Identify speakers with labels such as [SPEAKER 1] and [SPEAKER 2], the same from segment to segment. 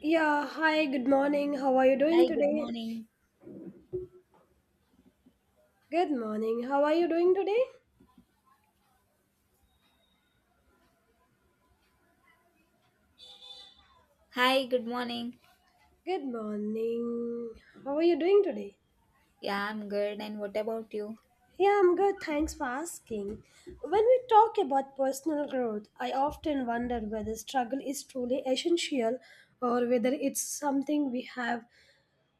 [SPEAKER 1] Yeah, hi, good morning. How are you doing
[SPEAKER 2] Hi, good
[SPEAKER 1] today?
[SPEAKER 2] morning.
[SPEAKER 1] Good morning. How are you doing today?
[SPEAKER 2] Hi, good morning.
[SPEAKER 1] Good morning. How are you doing today?
[SPEAKER 2] Yeah, I'm good. And what about you?
[SPEAKER 1] Yeah, I'm good. Thanks for asking. When we talk about personal growth, I often wonder whether struggle is truly essential or whether it's something we have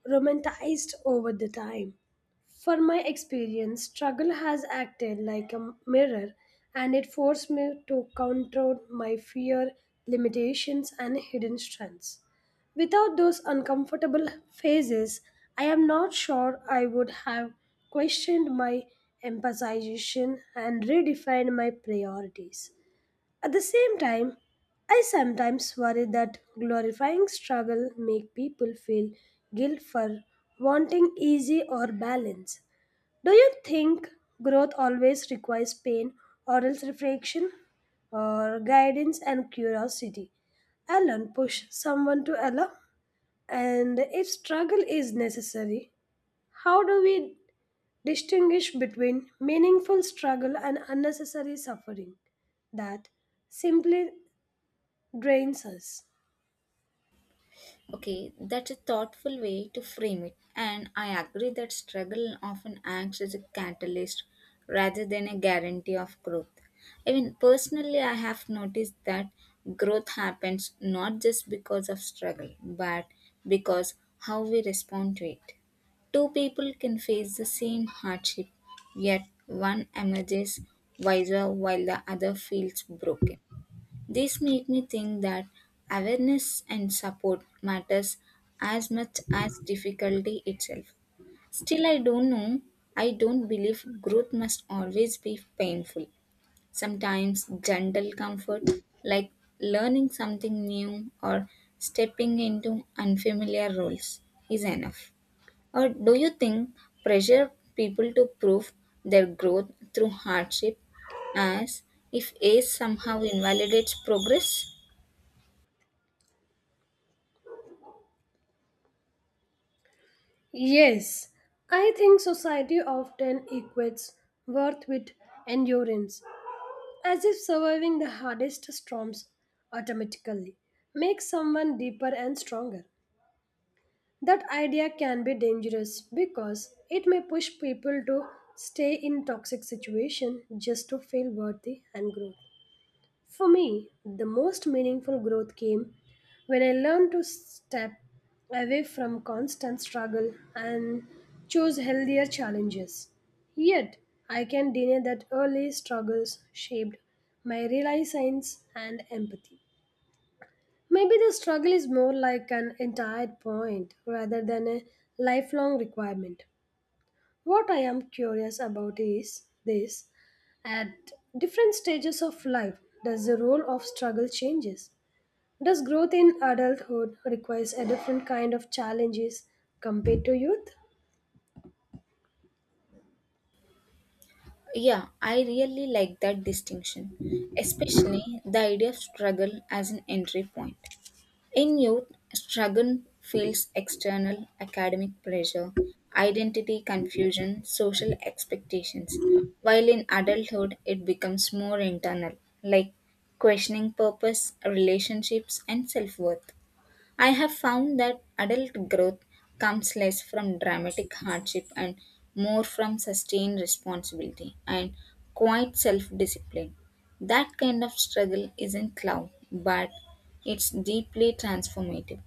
[SPEAKER 1] romanticized over the time. For my experience, struggle has acted like a mirror and it forced me to confront my fear, limitations, and hidden strengths. Without those uncomfortable phases, I am not sure I would have questioned my emphasization and redefined my priorities. At the same time, I sometimes worry that glorifying struggle make people feel guilt for wanting easy or balance. Do you think growth always requires pain or else reflection or guidance and curiosity? Alone push someone to allow and if struggle is necessary, how do we distinguish between meaningful struggle and unnecessary suffering that simply drains us.
[SPEAKER 2] Okay, that's a thoughtful way to frame it, and I agree that struggle often acts as a catalyst rather than a guarantee of growth. I mean, personally, I have noticed that growth happens not just because of struggle, but because how we respond to it. Two people can face the same hardship, yet one emerges wiser while the other feels broken. This make me think that awareness and support matters as much as difficulty itself. Still I don't know, I don't believe growth must always be painful. Sometimes gentle comfort like learning something new or stepping into unfamiliar roles is enough. Or do you think pressure people to prove their growth through hardship as if age somehow invalidates progress?
[SPEAKER 1] Yes, I think society often equates worth with endurance, as if surviving the hardest storms automatically makes someone deeper and stronger. That idea can be dangerous because it may push people to stay in toxic situation just to feel worthy and grow. For me, the most meaningful growth came when I learned to step away from constant struggle and choose healthier challenges. Yet, I can deny that early struggles shaped my realizations and empathy. Maybe the struggle is more like an entire point rather than a lifelong requirement. What I am curious about is this at different stages of life, does the role of struggle changes? Does growth in adulthood requires a different kind of challenges compared to youth?
[SPEAKER 2] Yeah, I really like that distinction, especially the idea of struggle as an entry point. In youth, struggle feels external academic pressure, identity confusion, social expectations, while in adulthood, it becomes more internal, like questioning purpose, relationships, and self worth. I have found that adult growth comes less from dramatic hardship and more from sustained responsibility and quiet self discipline. That kind of struggle isn't loud, but it's deeply transformative.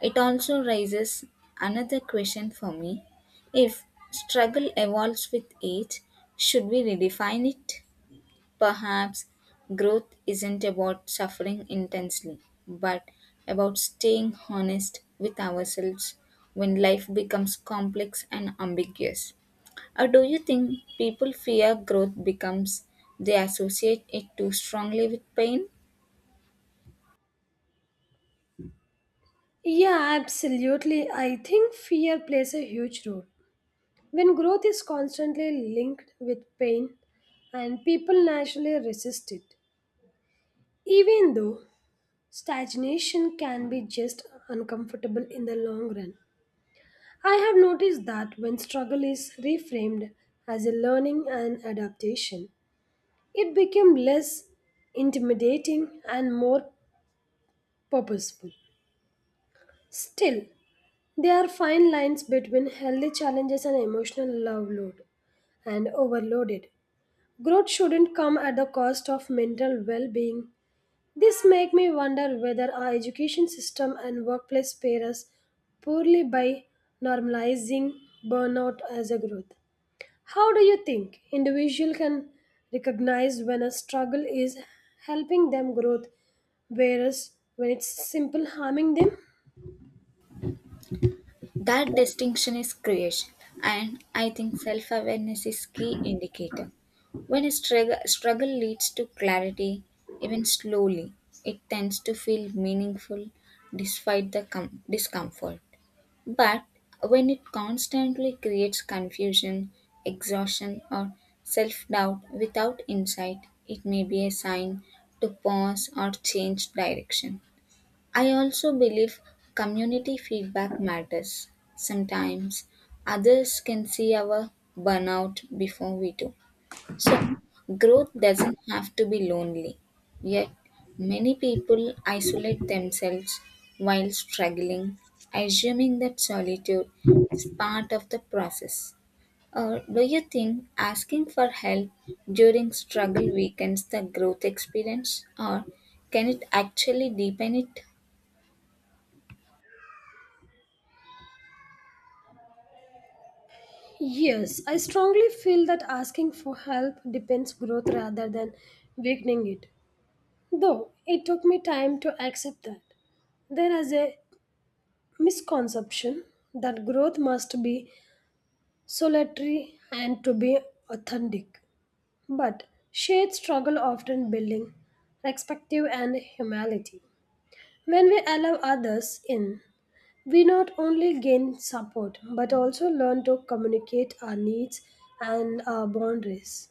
[SPEAKER 2] It also raises another question for me if struggle evolves with age, should we redefine it? Perhaps growth isn't about suffering intensely, but about staying honest with ourselves when life becomes complex and ambiguous. Or do you think people fear growth becomes they associate it too strongly with pain?
[SPEAKER 1] Yeah, absolutely. I think fear plays a huge role. When growth is constantly linked with pain and people naturally resist it. Even though stagnation can be just uncomfortable in the long run, I have noticed that when struggle is reframed as a learning and adaptation, it became less intimidating and more purposeful. Still, there are fine lines between healthy challenges and emotional overload and overloaded. Growth shouldn't come at the cost of mental well-being. This makes me wonder whether our education system and workplace pair us poorly by normalizing burnout as a growth. How do you think individual can recognize when a struggle is helping them growth whereas when it's simple harming them?
[SPEAKER 2] That distinction is crucial, and I think self awareness is key indicator. When a struggle leads to clarity, even slowly, it tends to feel meaningful despite the discomfort. But when it constantly creates confusion, exhaustion, or self doubt without insight, it may be a sign to pause or change direction. I also believe community feedback matters. Sometimes others can see our burnout before we do. So, growth doesn't have to be lonely. Yet, many people isolate themselves while struggling, assuming that solitude is part of the process. Or, do you think asking for help during struggle weakens the growth experience, or can it actually deepen it?
[SPEAKER 1] Yes, I strongly feel that asking for help depends growth rather than weakening it. Though it took me time to accept that. There is a misconception that growth must be solitary and to be authentic. But shared struggle often building perspective and humility. When we allow others in, we not only gain support but also learn to communicate our needs and our boundaries.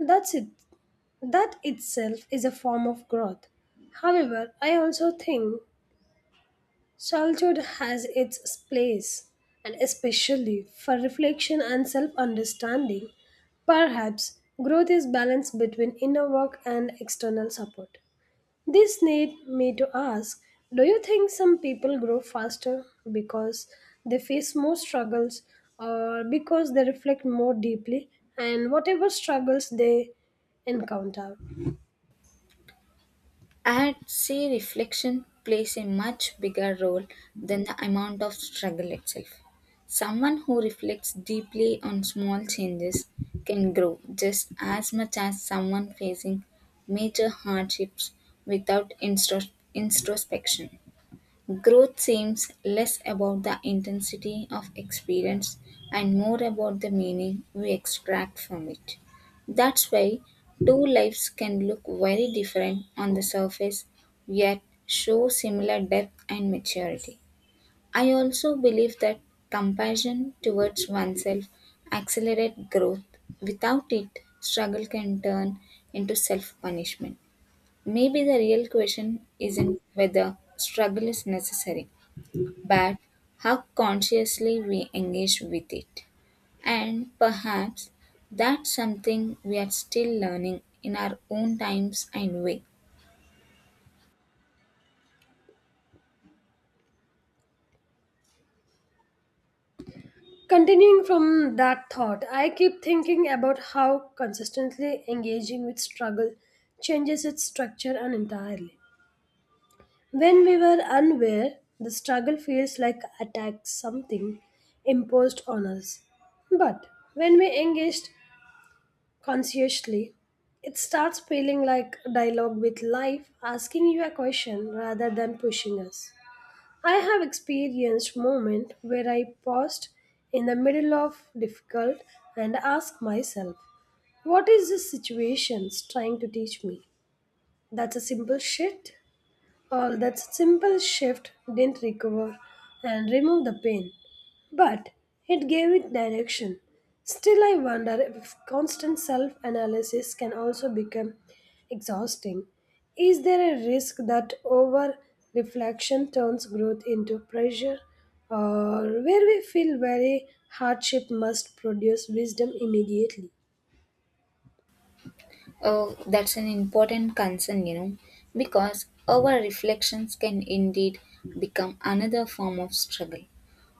[SPEAKER 1] That's it. That itself is a form of growth. However, I also think solitude has its place, and especially for reflection and self understanding. Perhaps growth is balanced between inner work and external support. This need me to ask, do you think some people grow faster because they face more struggles or because they reflect more deeply and whatever struggles they encounter?
[SPEAKER 2] I'd say reflection plays a much bigger role than the amount of struggle itself. Someone who reflects deeply on small changes can grow just as much as someone facing major hardships without introspection. Growth seems less about the intensity of experience and more about the meaning we extract from it. That's why two lives can look very different on the surface yet show similar depth and maturity. I also believe that compassion towards oneself accelerates growth. Without it, struggle can turn into self punishment. Maybe the real question isn't whether struggle is necessary but how consciously we engage with it. And perhaps that's something we are still learning in our own times and way.
[SPEAKER 1] Continuing from that thought, I keep thinking about how consistently engaging with struggle changes its structure and entirely. When we were unaware, the struggle feels like attack something imposed on us. But when we engaged consciously, it starts feeling like dialogue with life, asking you a question rather than pushing us. I have experienced moments where I paused in the middle of difficult and asked myself, what is this situation trying to teach me? That's a simple shit. All that simple shift didn't recover and remove the pain, but it gave it direction. Still, I wonder if constant self analysis can also become exhausting. Is there a risk that over reflection turns growth into pressure, or where we feel very hardship must produce wisdom immediately?
[SPEAKER 2] Oh, that's an important concern, you know, because our reflections can indeed become another form of struggle.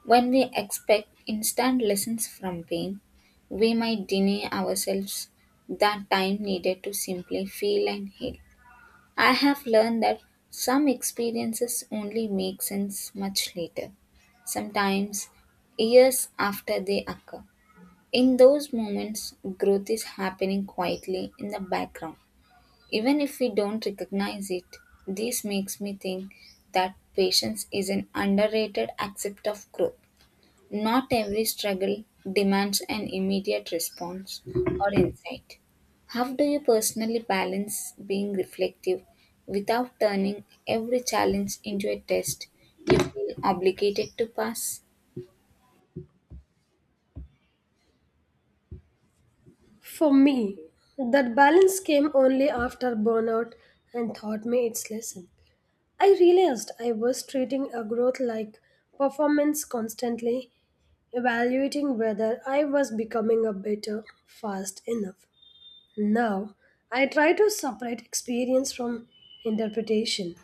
[SPEAKER 2] When we expect instant lessons from pain, we might deny ourselves that time needed to simply feel and heal. I have learned that some experiences only make sense much later, sometimes years after they occur. In those moments, growth is happening quietly in the background. Even if we don't recognize it, this makes me think that patience is an underrated aspect of growth. Not every struggle demands an immediate response or insight. How do you personally balance being reflective without turning every challenge into a test you feel obligated to pass?
[SPEAKER 1] For me, that balance came only after burnout and taught me its lesson. I realized I was treating a growth like performance constantly, evaluating whether I was becoming a better fast enough. Now, I try to separate experience from interpretation.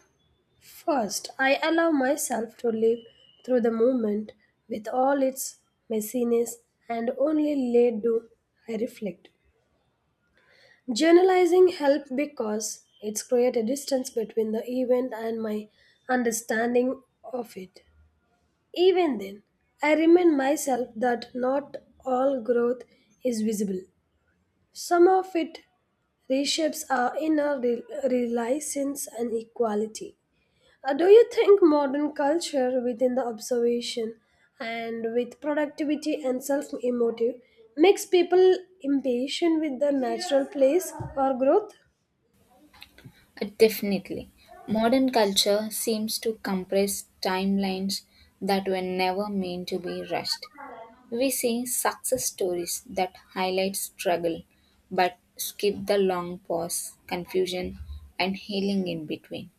[SPEAKER 1] First, I allow myself to live through the moment with all its messiness, and only later do I reflect. Journalizing helped because it's created a distance between the event and my understanding of it. Even then, I remind myself that not all growth is visible. Some of it reshapes our inner reliance and equality. Do you think modern culture within the observation and with productivity and self-emotive makes people impatient with the natural place or growth?
[SPEAKER 2] Definitely. Modern culture seems to compress timelines that were never meant to be rushed. We see success stories that highlight struggle but skip the long pause, confusion, and healing in between.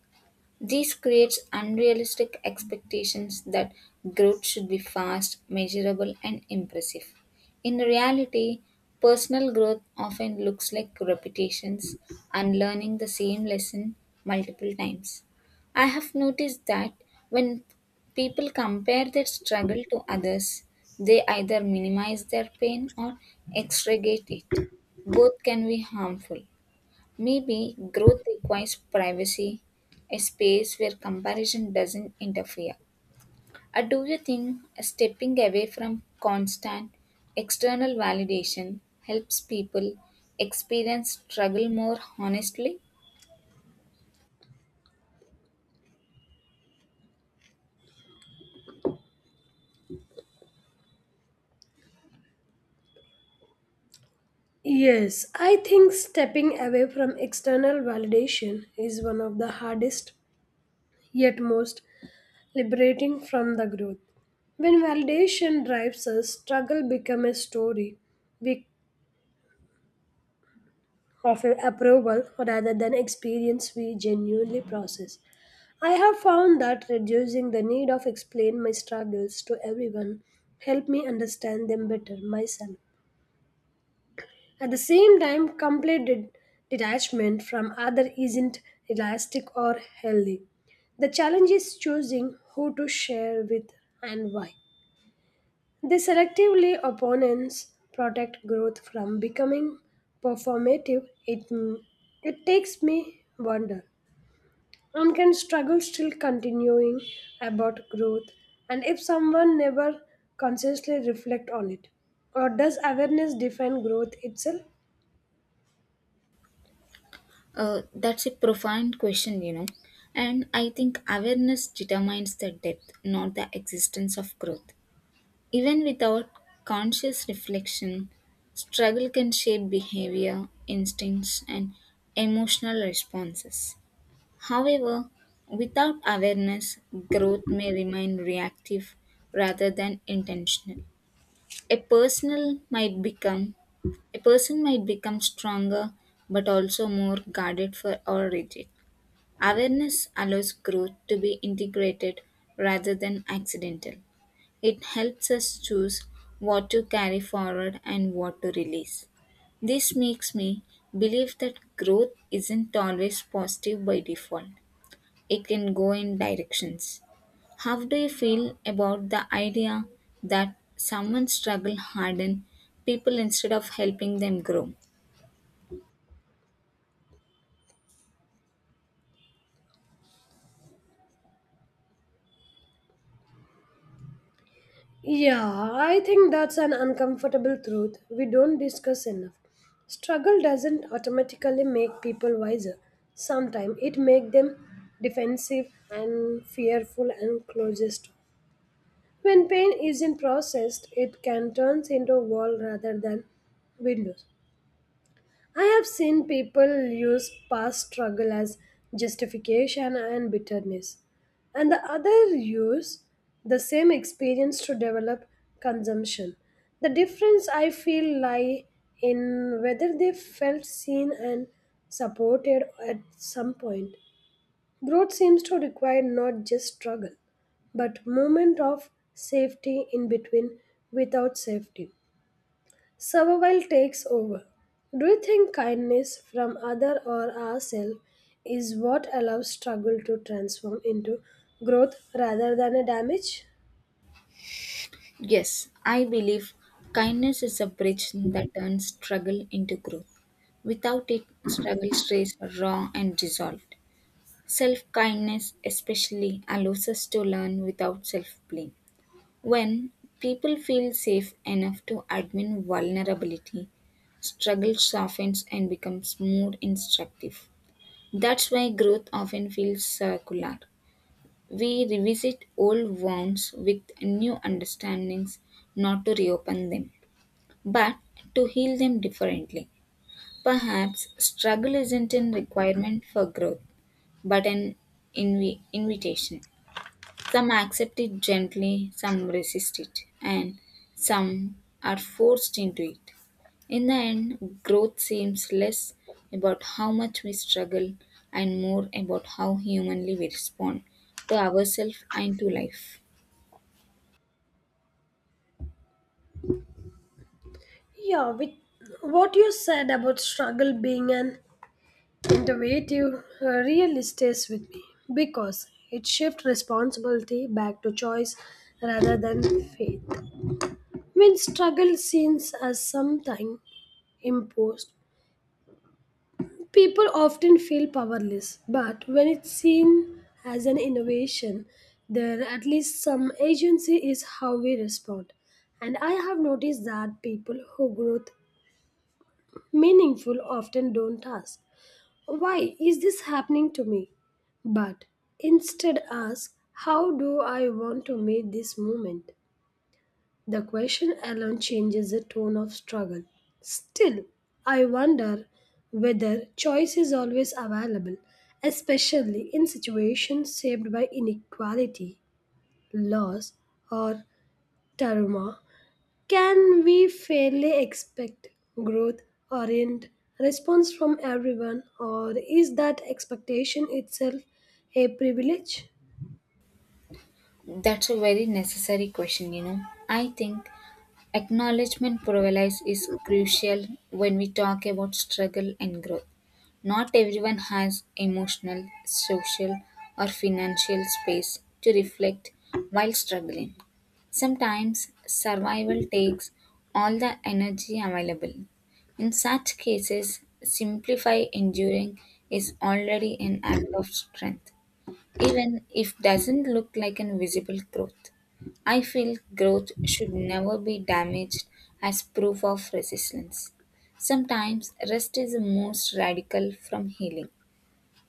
[SPEAKER 2] This creates unrealistic expectations that growth should be fast, measurable, and impressive. In reality, personal growth often looks like repetitions and learning the same lesson multiple times. I have noticed that when people compare their struggle to others, they either minimize their pain or exaggerate it. Both can be harmful. Maybe growth requires privacy, a space where comparison doesn't interfere. Or do you think stepping away from constant external validation helps people experience struggle more honestly?
[SPEAKER 1] Yes, I think stepping away from external validation is one of the hardest yet most liberating from the growth. When validation drives us, struggle becomes a story we of approval rather than experience we genuinely process. I have found that reducing the need of explain my struggles to everyone help me understand them better myself. At the same time, detachment from other isn't realistic or healthy. The challenge is choosing who to share with and why. The selectively opponents protect growth from becoming performative. It takes me wonder. One can struggle still continuing about growth and if someone never consciously reflect on it. Or does awareness define growth itself?
[SPEAKER 2] That's a profound question, you know. And I think awareness determines the depth, not the existence of growth. Even without conscious reflection, struggle can shape behavior, instincts, and emotional responses. However, without awareness, growth may remain reactive rather than intentional. A personal might become a person might become stronger but also more guarded for or rigid. Awareness allows growth to be integrated rather than accidental. It helps us choose what to carry forward and what to release. This makes me believe that growth isn't always positive by default, it can go in directions. How do you feel about the idea that someone struggle harden people instead of helping them grow?
[SPEAKER 1] Yeah, I think that's an uncomfortable truth we don't discuss enough. Struggle doesn't automatically make people wiser. Sometimes it makes them defensive and fearful and closest. When pain isn't processed, it can turn into a wall rather than windows. I have seen people use past struggle as justification and bitterness, and the other use the same experience to develop consumption. The difference I feel lie in whether they felt seen and supported at some point. Growth seems to require not just struggle, but moment of safety in between without safety. Survival takes over. Do you think kindness from other or ourselves is what allows struggle to transform into growth rather than a damage?
[SPEAKER 2] Yes, I believe kindness is a bridge that turns struggle into growth. Without it, struggle stays raw and dissolved. Self kindness, especially, allows us to learn without self blame. When people feel safe enough to admit vulnerability, struggle softens and becomes more instructive. That's why growth often feels circular. We revisit old wounds with new understandings, not to reopen them, but to heal them differently. Perhaps struggle isn't a requirement for growth, but an invitation. Some accept it gently, some resist it, and some are forced into it. In the end, growth seems less about how much we struggle and more about how humanly we respond to ourselves and to life.
[SPEAKER 1] Yeah, with what you said about struggle being an innovative really stays with me because it shifts responsibility back to choice rather than faith. When struggle seems as something imposed, people often feel powerless, but when it's seen as an innovation, there at least some agency is how we respond. And I have noticed that people who grow meaningful often don't ask, why is this happening to me? But instead ask, how do I want to meet this moment? The question alone changes the tone of struggle. Still, I wonder whether choice is always available, especially in situations shaped by inequality, loss, or trauma. Can we fairly expect growth orient response from everyone, or is that expectation itself a privilege?
[SPEAKER 2] That's a very necessary question, you know. I think Acknowledgement paralysis is crucial when we talk about struggle and growth. Not everyone has emotional, social, or financial space to reflect while struggling. Sometimes survival takes all the energy available. In such cases, simplify enduring is already an act of strength even if doesn't look like an visible growth. I feel growth should never be damaged as proof of resistance. Sometimes rest is the most radical from healing.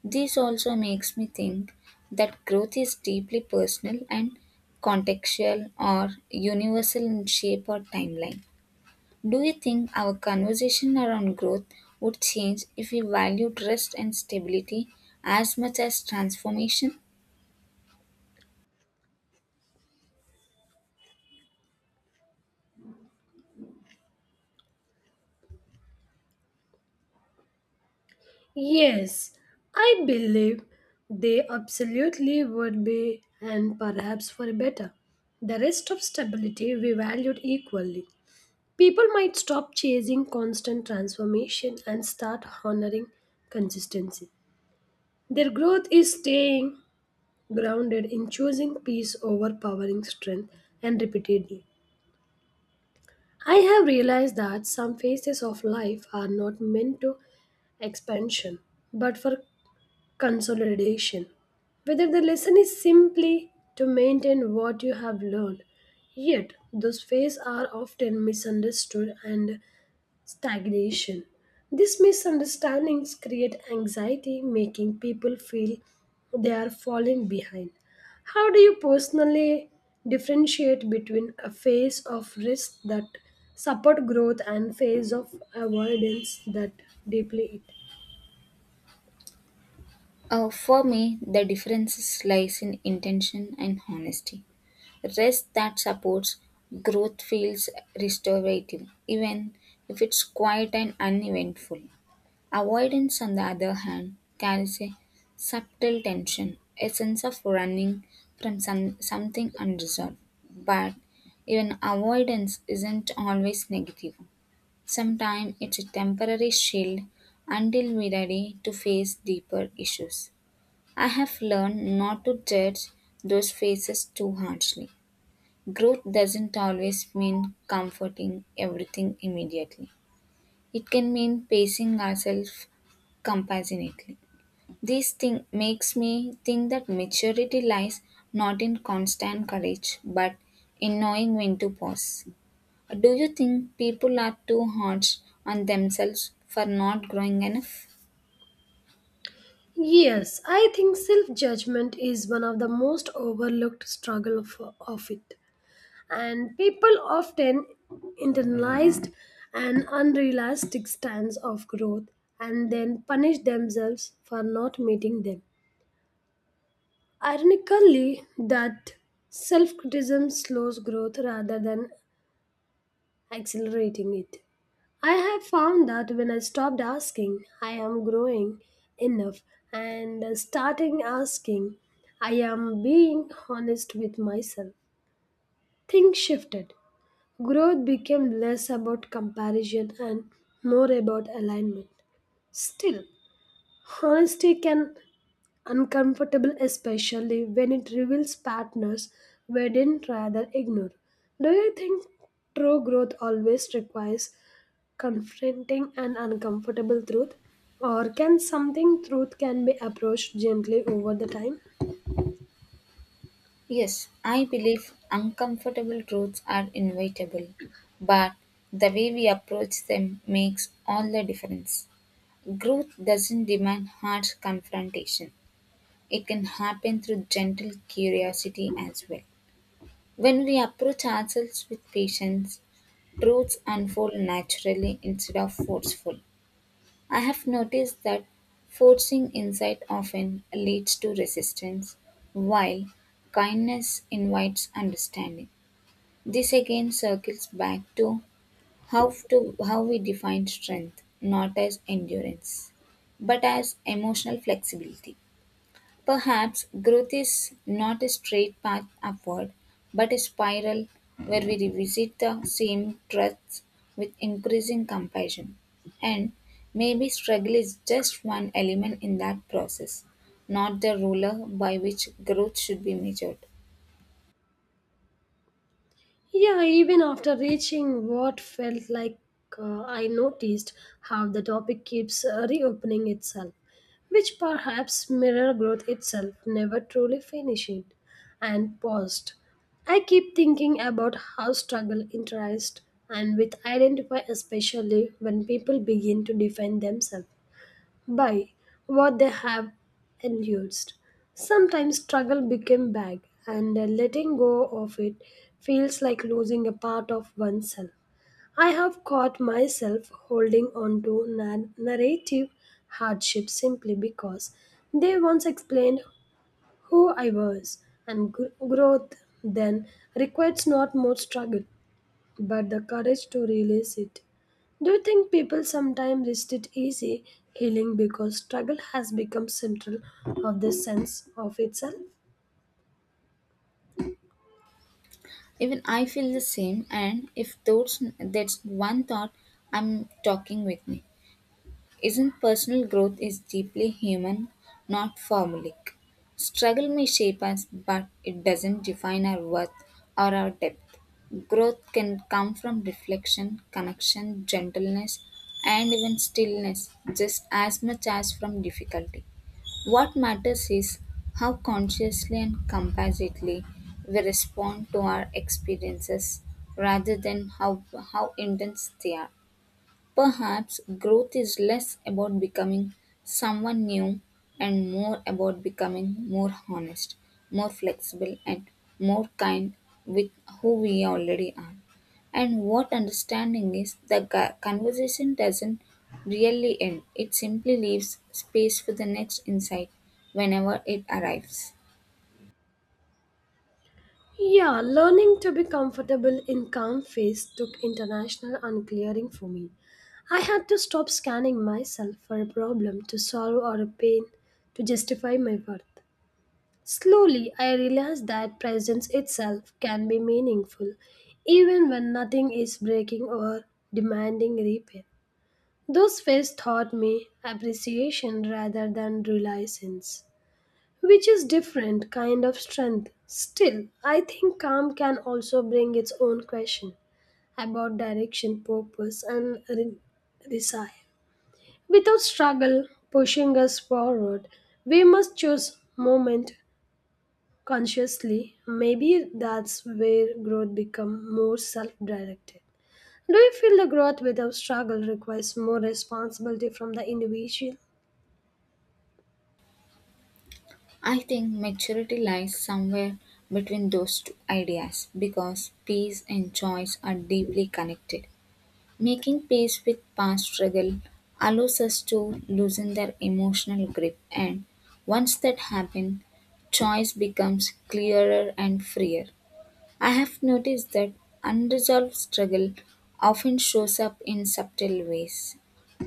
[SPEAKER 2] This also makes me think that growth is deeply personal and contextual or universal in shape or timeline. Do you think our conversation around growth would change if we valued rest and stability as much as transformation?
[SPEAKER 1] Yes, I believe they absolutely would be, and perhaps for better. The rest of stability we valued equally. People might stop chasing constant transformation and start honoring consistency. Their growth is staying grounded in choosing peace over powering strength and repeatedly. I have realized that some phases of life are not meant to expansion, but for consolidation. Whether the lesson is simply to maintain what you have learned, yet those phases are often misunderstood and stagnation. These misunderstandings create anxiety, making people feel they are falling behind. How do you personally differentiate between a phase of risk that support growth and phase of avoidance that deeply.
[SPEAKER 2] For me, the difference lies in intention and honesty. Rest that supports growth feels restorative, even if it's quiet and uneventful. Avoidance, on the other hand, carries a subtle tension, a sense of running from something unresolved. But even avoidance isn't always negative. Sometimes it's a temporary shield until we're ready to face deeper issues. I have learned not to judge those phases too harshly. Growth doesn't always mean comforting everything immediately. It can mean pacing ourselves compassionately. This thing makes me think that maturity lies not in constant courage but in knowing when to pause. Do you think people are too harsh on themselves for not growing enough?
[SPEAKER 1] Yes, I think self judgment is one of the most overlooked struggle of it. And people often internalized an unrealistic stance of growth and then punish themselves for not meeting them. Ironically, that self criticism slows growth rather than accelerating it. I have found that when I stopped asking, I am growing enough, and starting asking, I am being honest with myself. Things shifted. Growth became less about comparison and more about alignment. Still, honesty can uncomfortable, especially when it reveals partners we didn't rather ignore. Do you think true growth always requires confronting an uncomfortable truth, or can something truth can be approached gently over the time?
[SPEAKER 2] Yes, I believe uncomfortable truths are inevitable, but the way we approach them makes all the difference. Growth doesn't demand harsh confrontation, it can happen through gentle curiosity as well. When we approach ourselves with patience, truths unfold naturally instead of forceful. I have noticed that forcing insight often leads to resistance, while kindness invites understanding. This again circles back to how we define strength, not as endurance, but as emotional flexibility. Perhaps growth is not a straight path upward, but a spiral where we revisit the same truths with increasing compassion. And maybe struggle is just one element in that process, not the ruler by which growth should be measured.
[SPEAKER 1] Yeah, even after reaching what felt like I noticed how the topic keeps reopening itself, which perhaps mirror growth itself never truly finishing, and paused. I keep thinking about how struggle interest and with identify especially when people begin to define themselves by what they have endured. Sometimes struggle became bag, and letting go of it feels like losing a part of oneself. I have caught myself holding on to narrative hardship simply because they once explained who I was, and growth then requires not more struggle but the courage to release it. Do you think people sometimes resist it easy healing because struggle has become central of the sense of itself?
[SPEAKER 2] Even I feel the same, and if those, that's one thought I'm talking with me isn't personal growth is deeply human, not formulaic. Struggle may shape us, but it doesn't define our worth or our depth. Growth can come from reflection, connection, gentleness, and even stillness, just as much as from difficulty. What matters is how consciously and compassionately we respond to our experiences rather than how intense they are. Perhaps growth is less about becoming someone new and more about becoming more honest, more flexible, and more kind with who we already are. And what understanding is, the conversation doesn't really end, it simply leaves space for the next insight whenever it arrives.
[SPEAKER 1] Yeah, learning to be comfortable in calm face took international unclearing for me. I had to stop scanning myself for a problem to solve or a pain to justify my worth. Slowly, I realized that presence itself can be meaningful, even when nothing is breaking or demanding repair. Those faces taught me appreciation rather than reliance, which is different kind of strength. Still, I think calm can also bring its own question about direction, purpose, and desire. Without struggle pushing us forward, we must choose moment consciously, maybe that's where growth becomes more self directed. Do you feel the growth without struggle requires more responsibility from the individual?
[SPEAKER 2] I think maturity lies somewhere between those two ideas because peace and choice are deeply connected. Making peace with past struggle allows us to loosen their emotional grip, and once that happens, choice becomes clearer and freer. I have noticed that unresolved struggle often shows up in subtle ways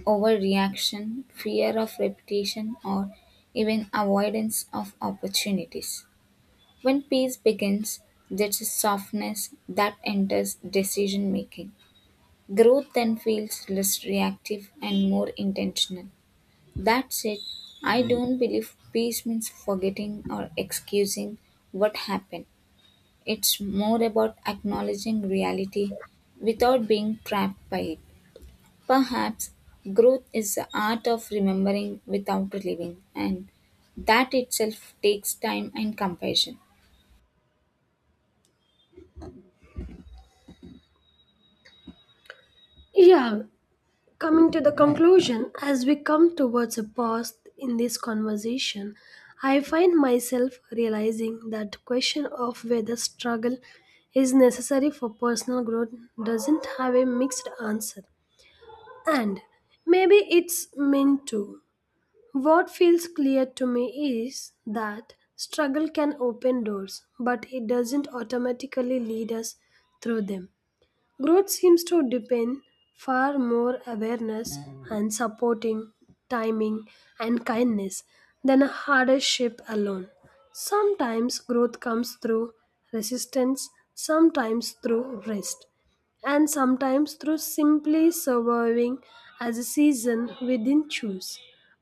[SPEAKER 2] overreaction, fear of repetition, or even avoidance of opportunities. When peace begins, there's a softness that enters decision making Growth then feels less reactive and more intentional. That said, I don't believe peace means forgetting or excusing what happened. It's more about acknowledging reality without being trapped by it. Perhaps growth is the art of remembering without living, and that itself takes time and compassion.
[SPEAKER 1] Yeah, coming to the conclusion, as we come towards a pause in this conversation, I find myself realizing that the question of whether struggle is necessary for personal growth doesn't have a mixed answer. And maybe it's meant to. What feels clear to me is that struggle can open doors, but it doesn't automatically lead us through them. Growth seems to depend far more awareness and supporting timing and kindness than a hardship alone. Sometimes growth comes through resistance, sometimes through rest, and sometimes through simply surviving as a season within choose.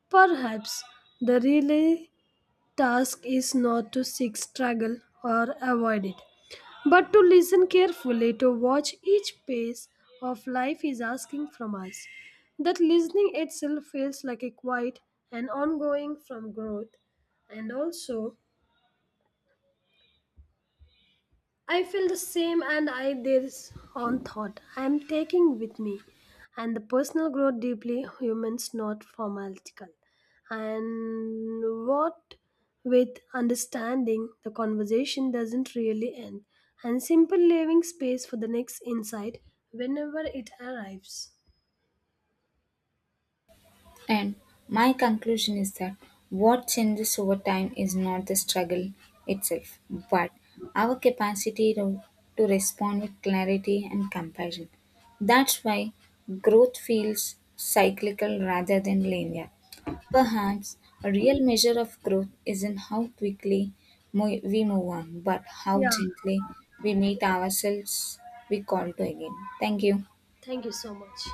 [SPEAKER 1] Perhaps the really task is not to seek struggle or avoid it, but to listen carefully, to watch each pace of life is asking from us. That listening itself feels like a quiet and ongoing from growth, and also I feel the same and I this on thought I am taking with me and the personal growth deeply humans not formalistical and what with understanding the conversation doesn't really end and simple leaving space for the next insight whenever it arrives.
[SPEAKER 2] And my conclusion is that what changes over time is not the struggle itself, but our capacity to respond with clarity and compassion. That's why growth feels cyclical rather than linear. Perhaps a real measure of growth isn't how quickly we move on, but how
[SPEAKER 1] Yeah,
[SPEAKER 2] gently we meet ourselves we call to again. Thank you.
[SPEAKER 1] thank you so much.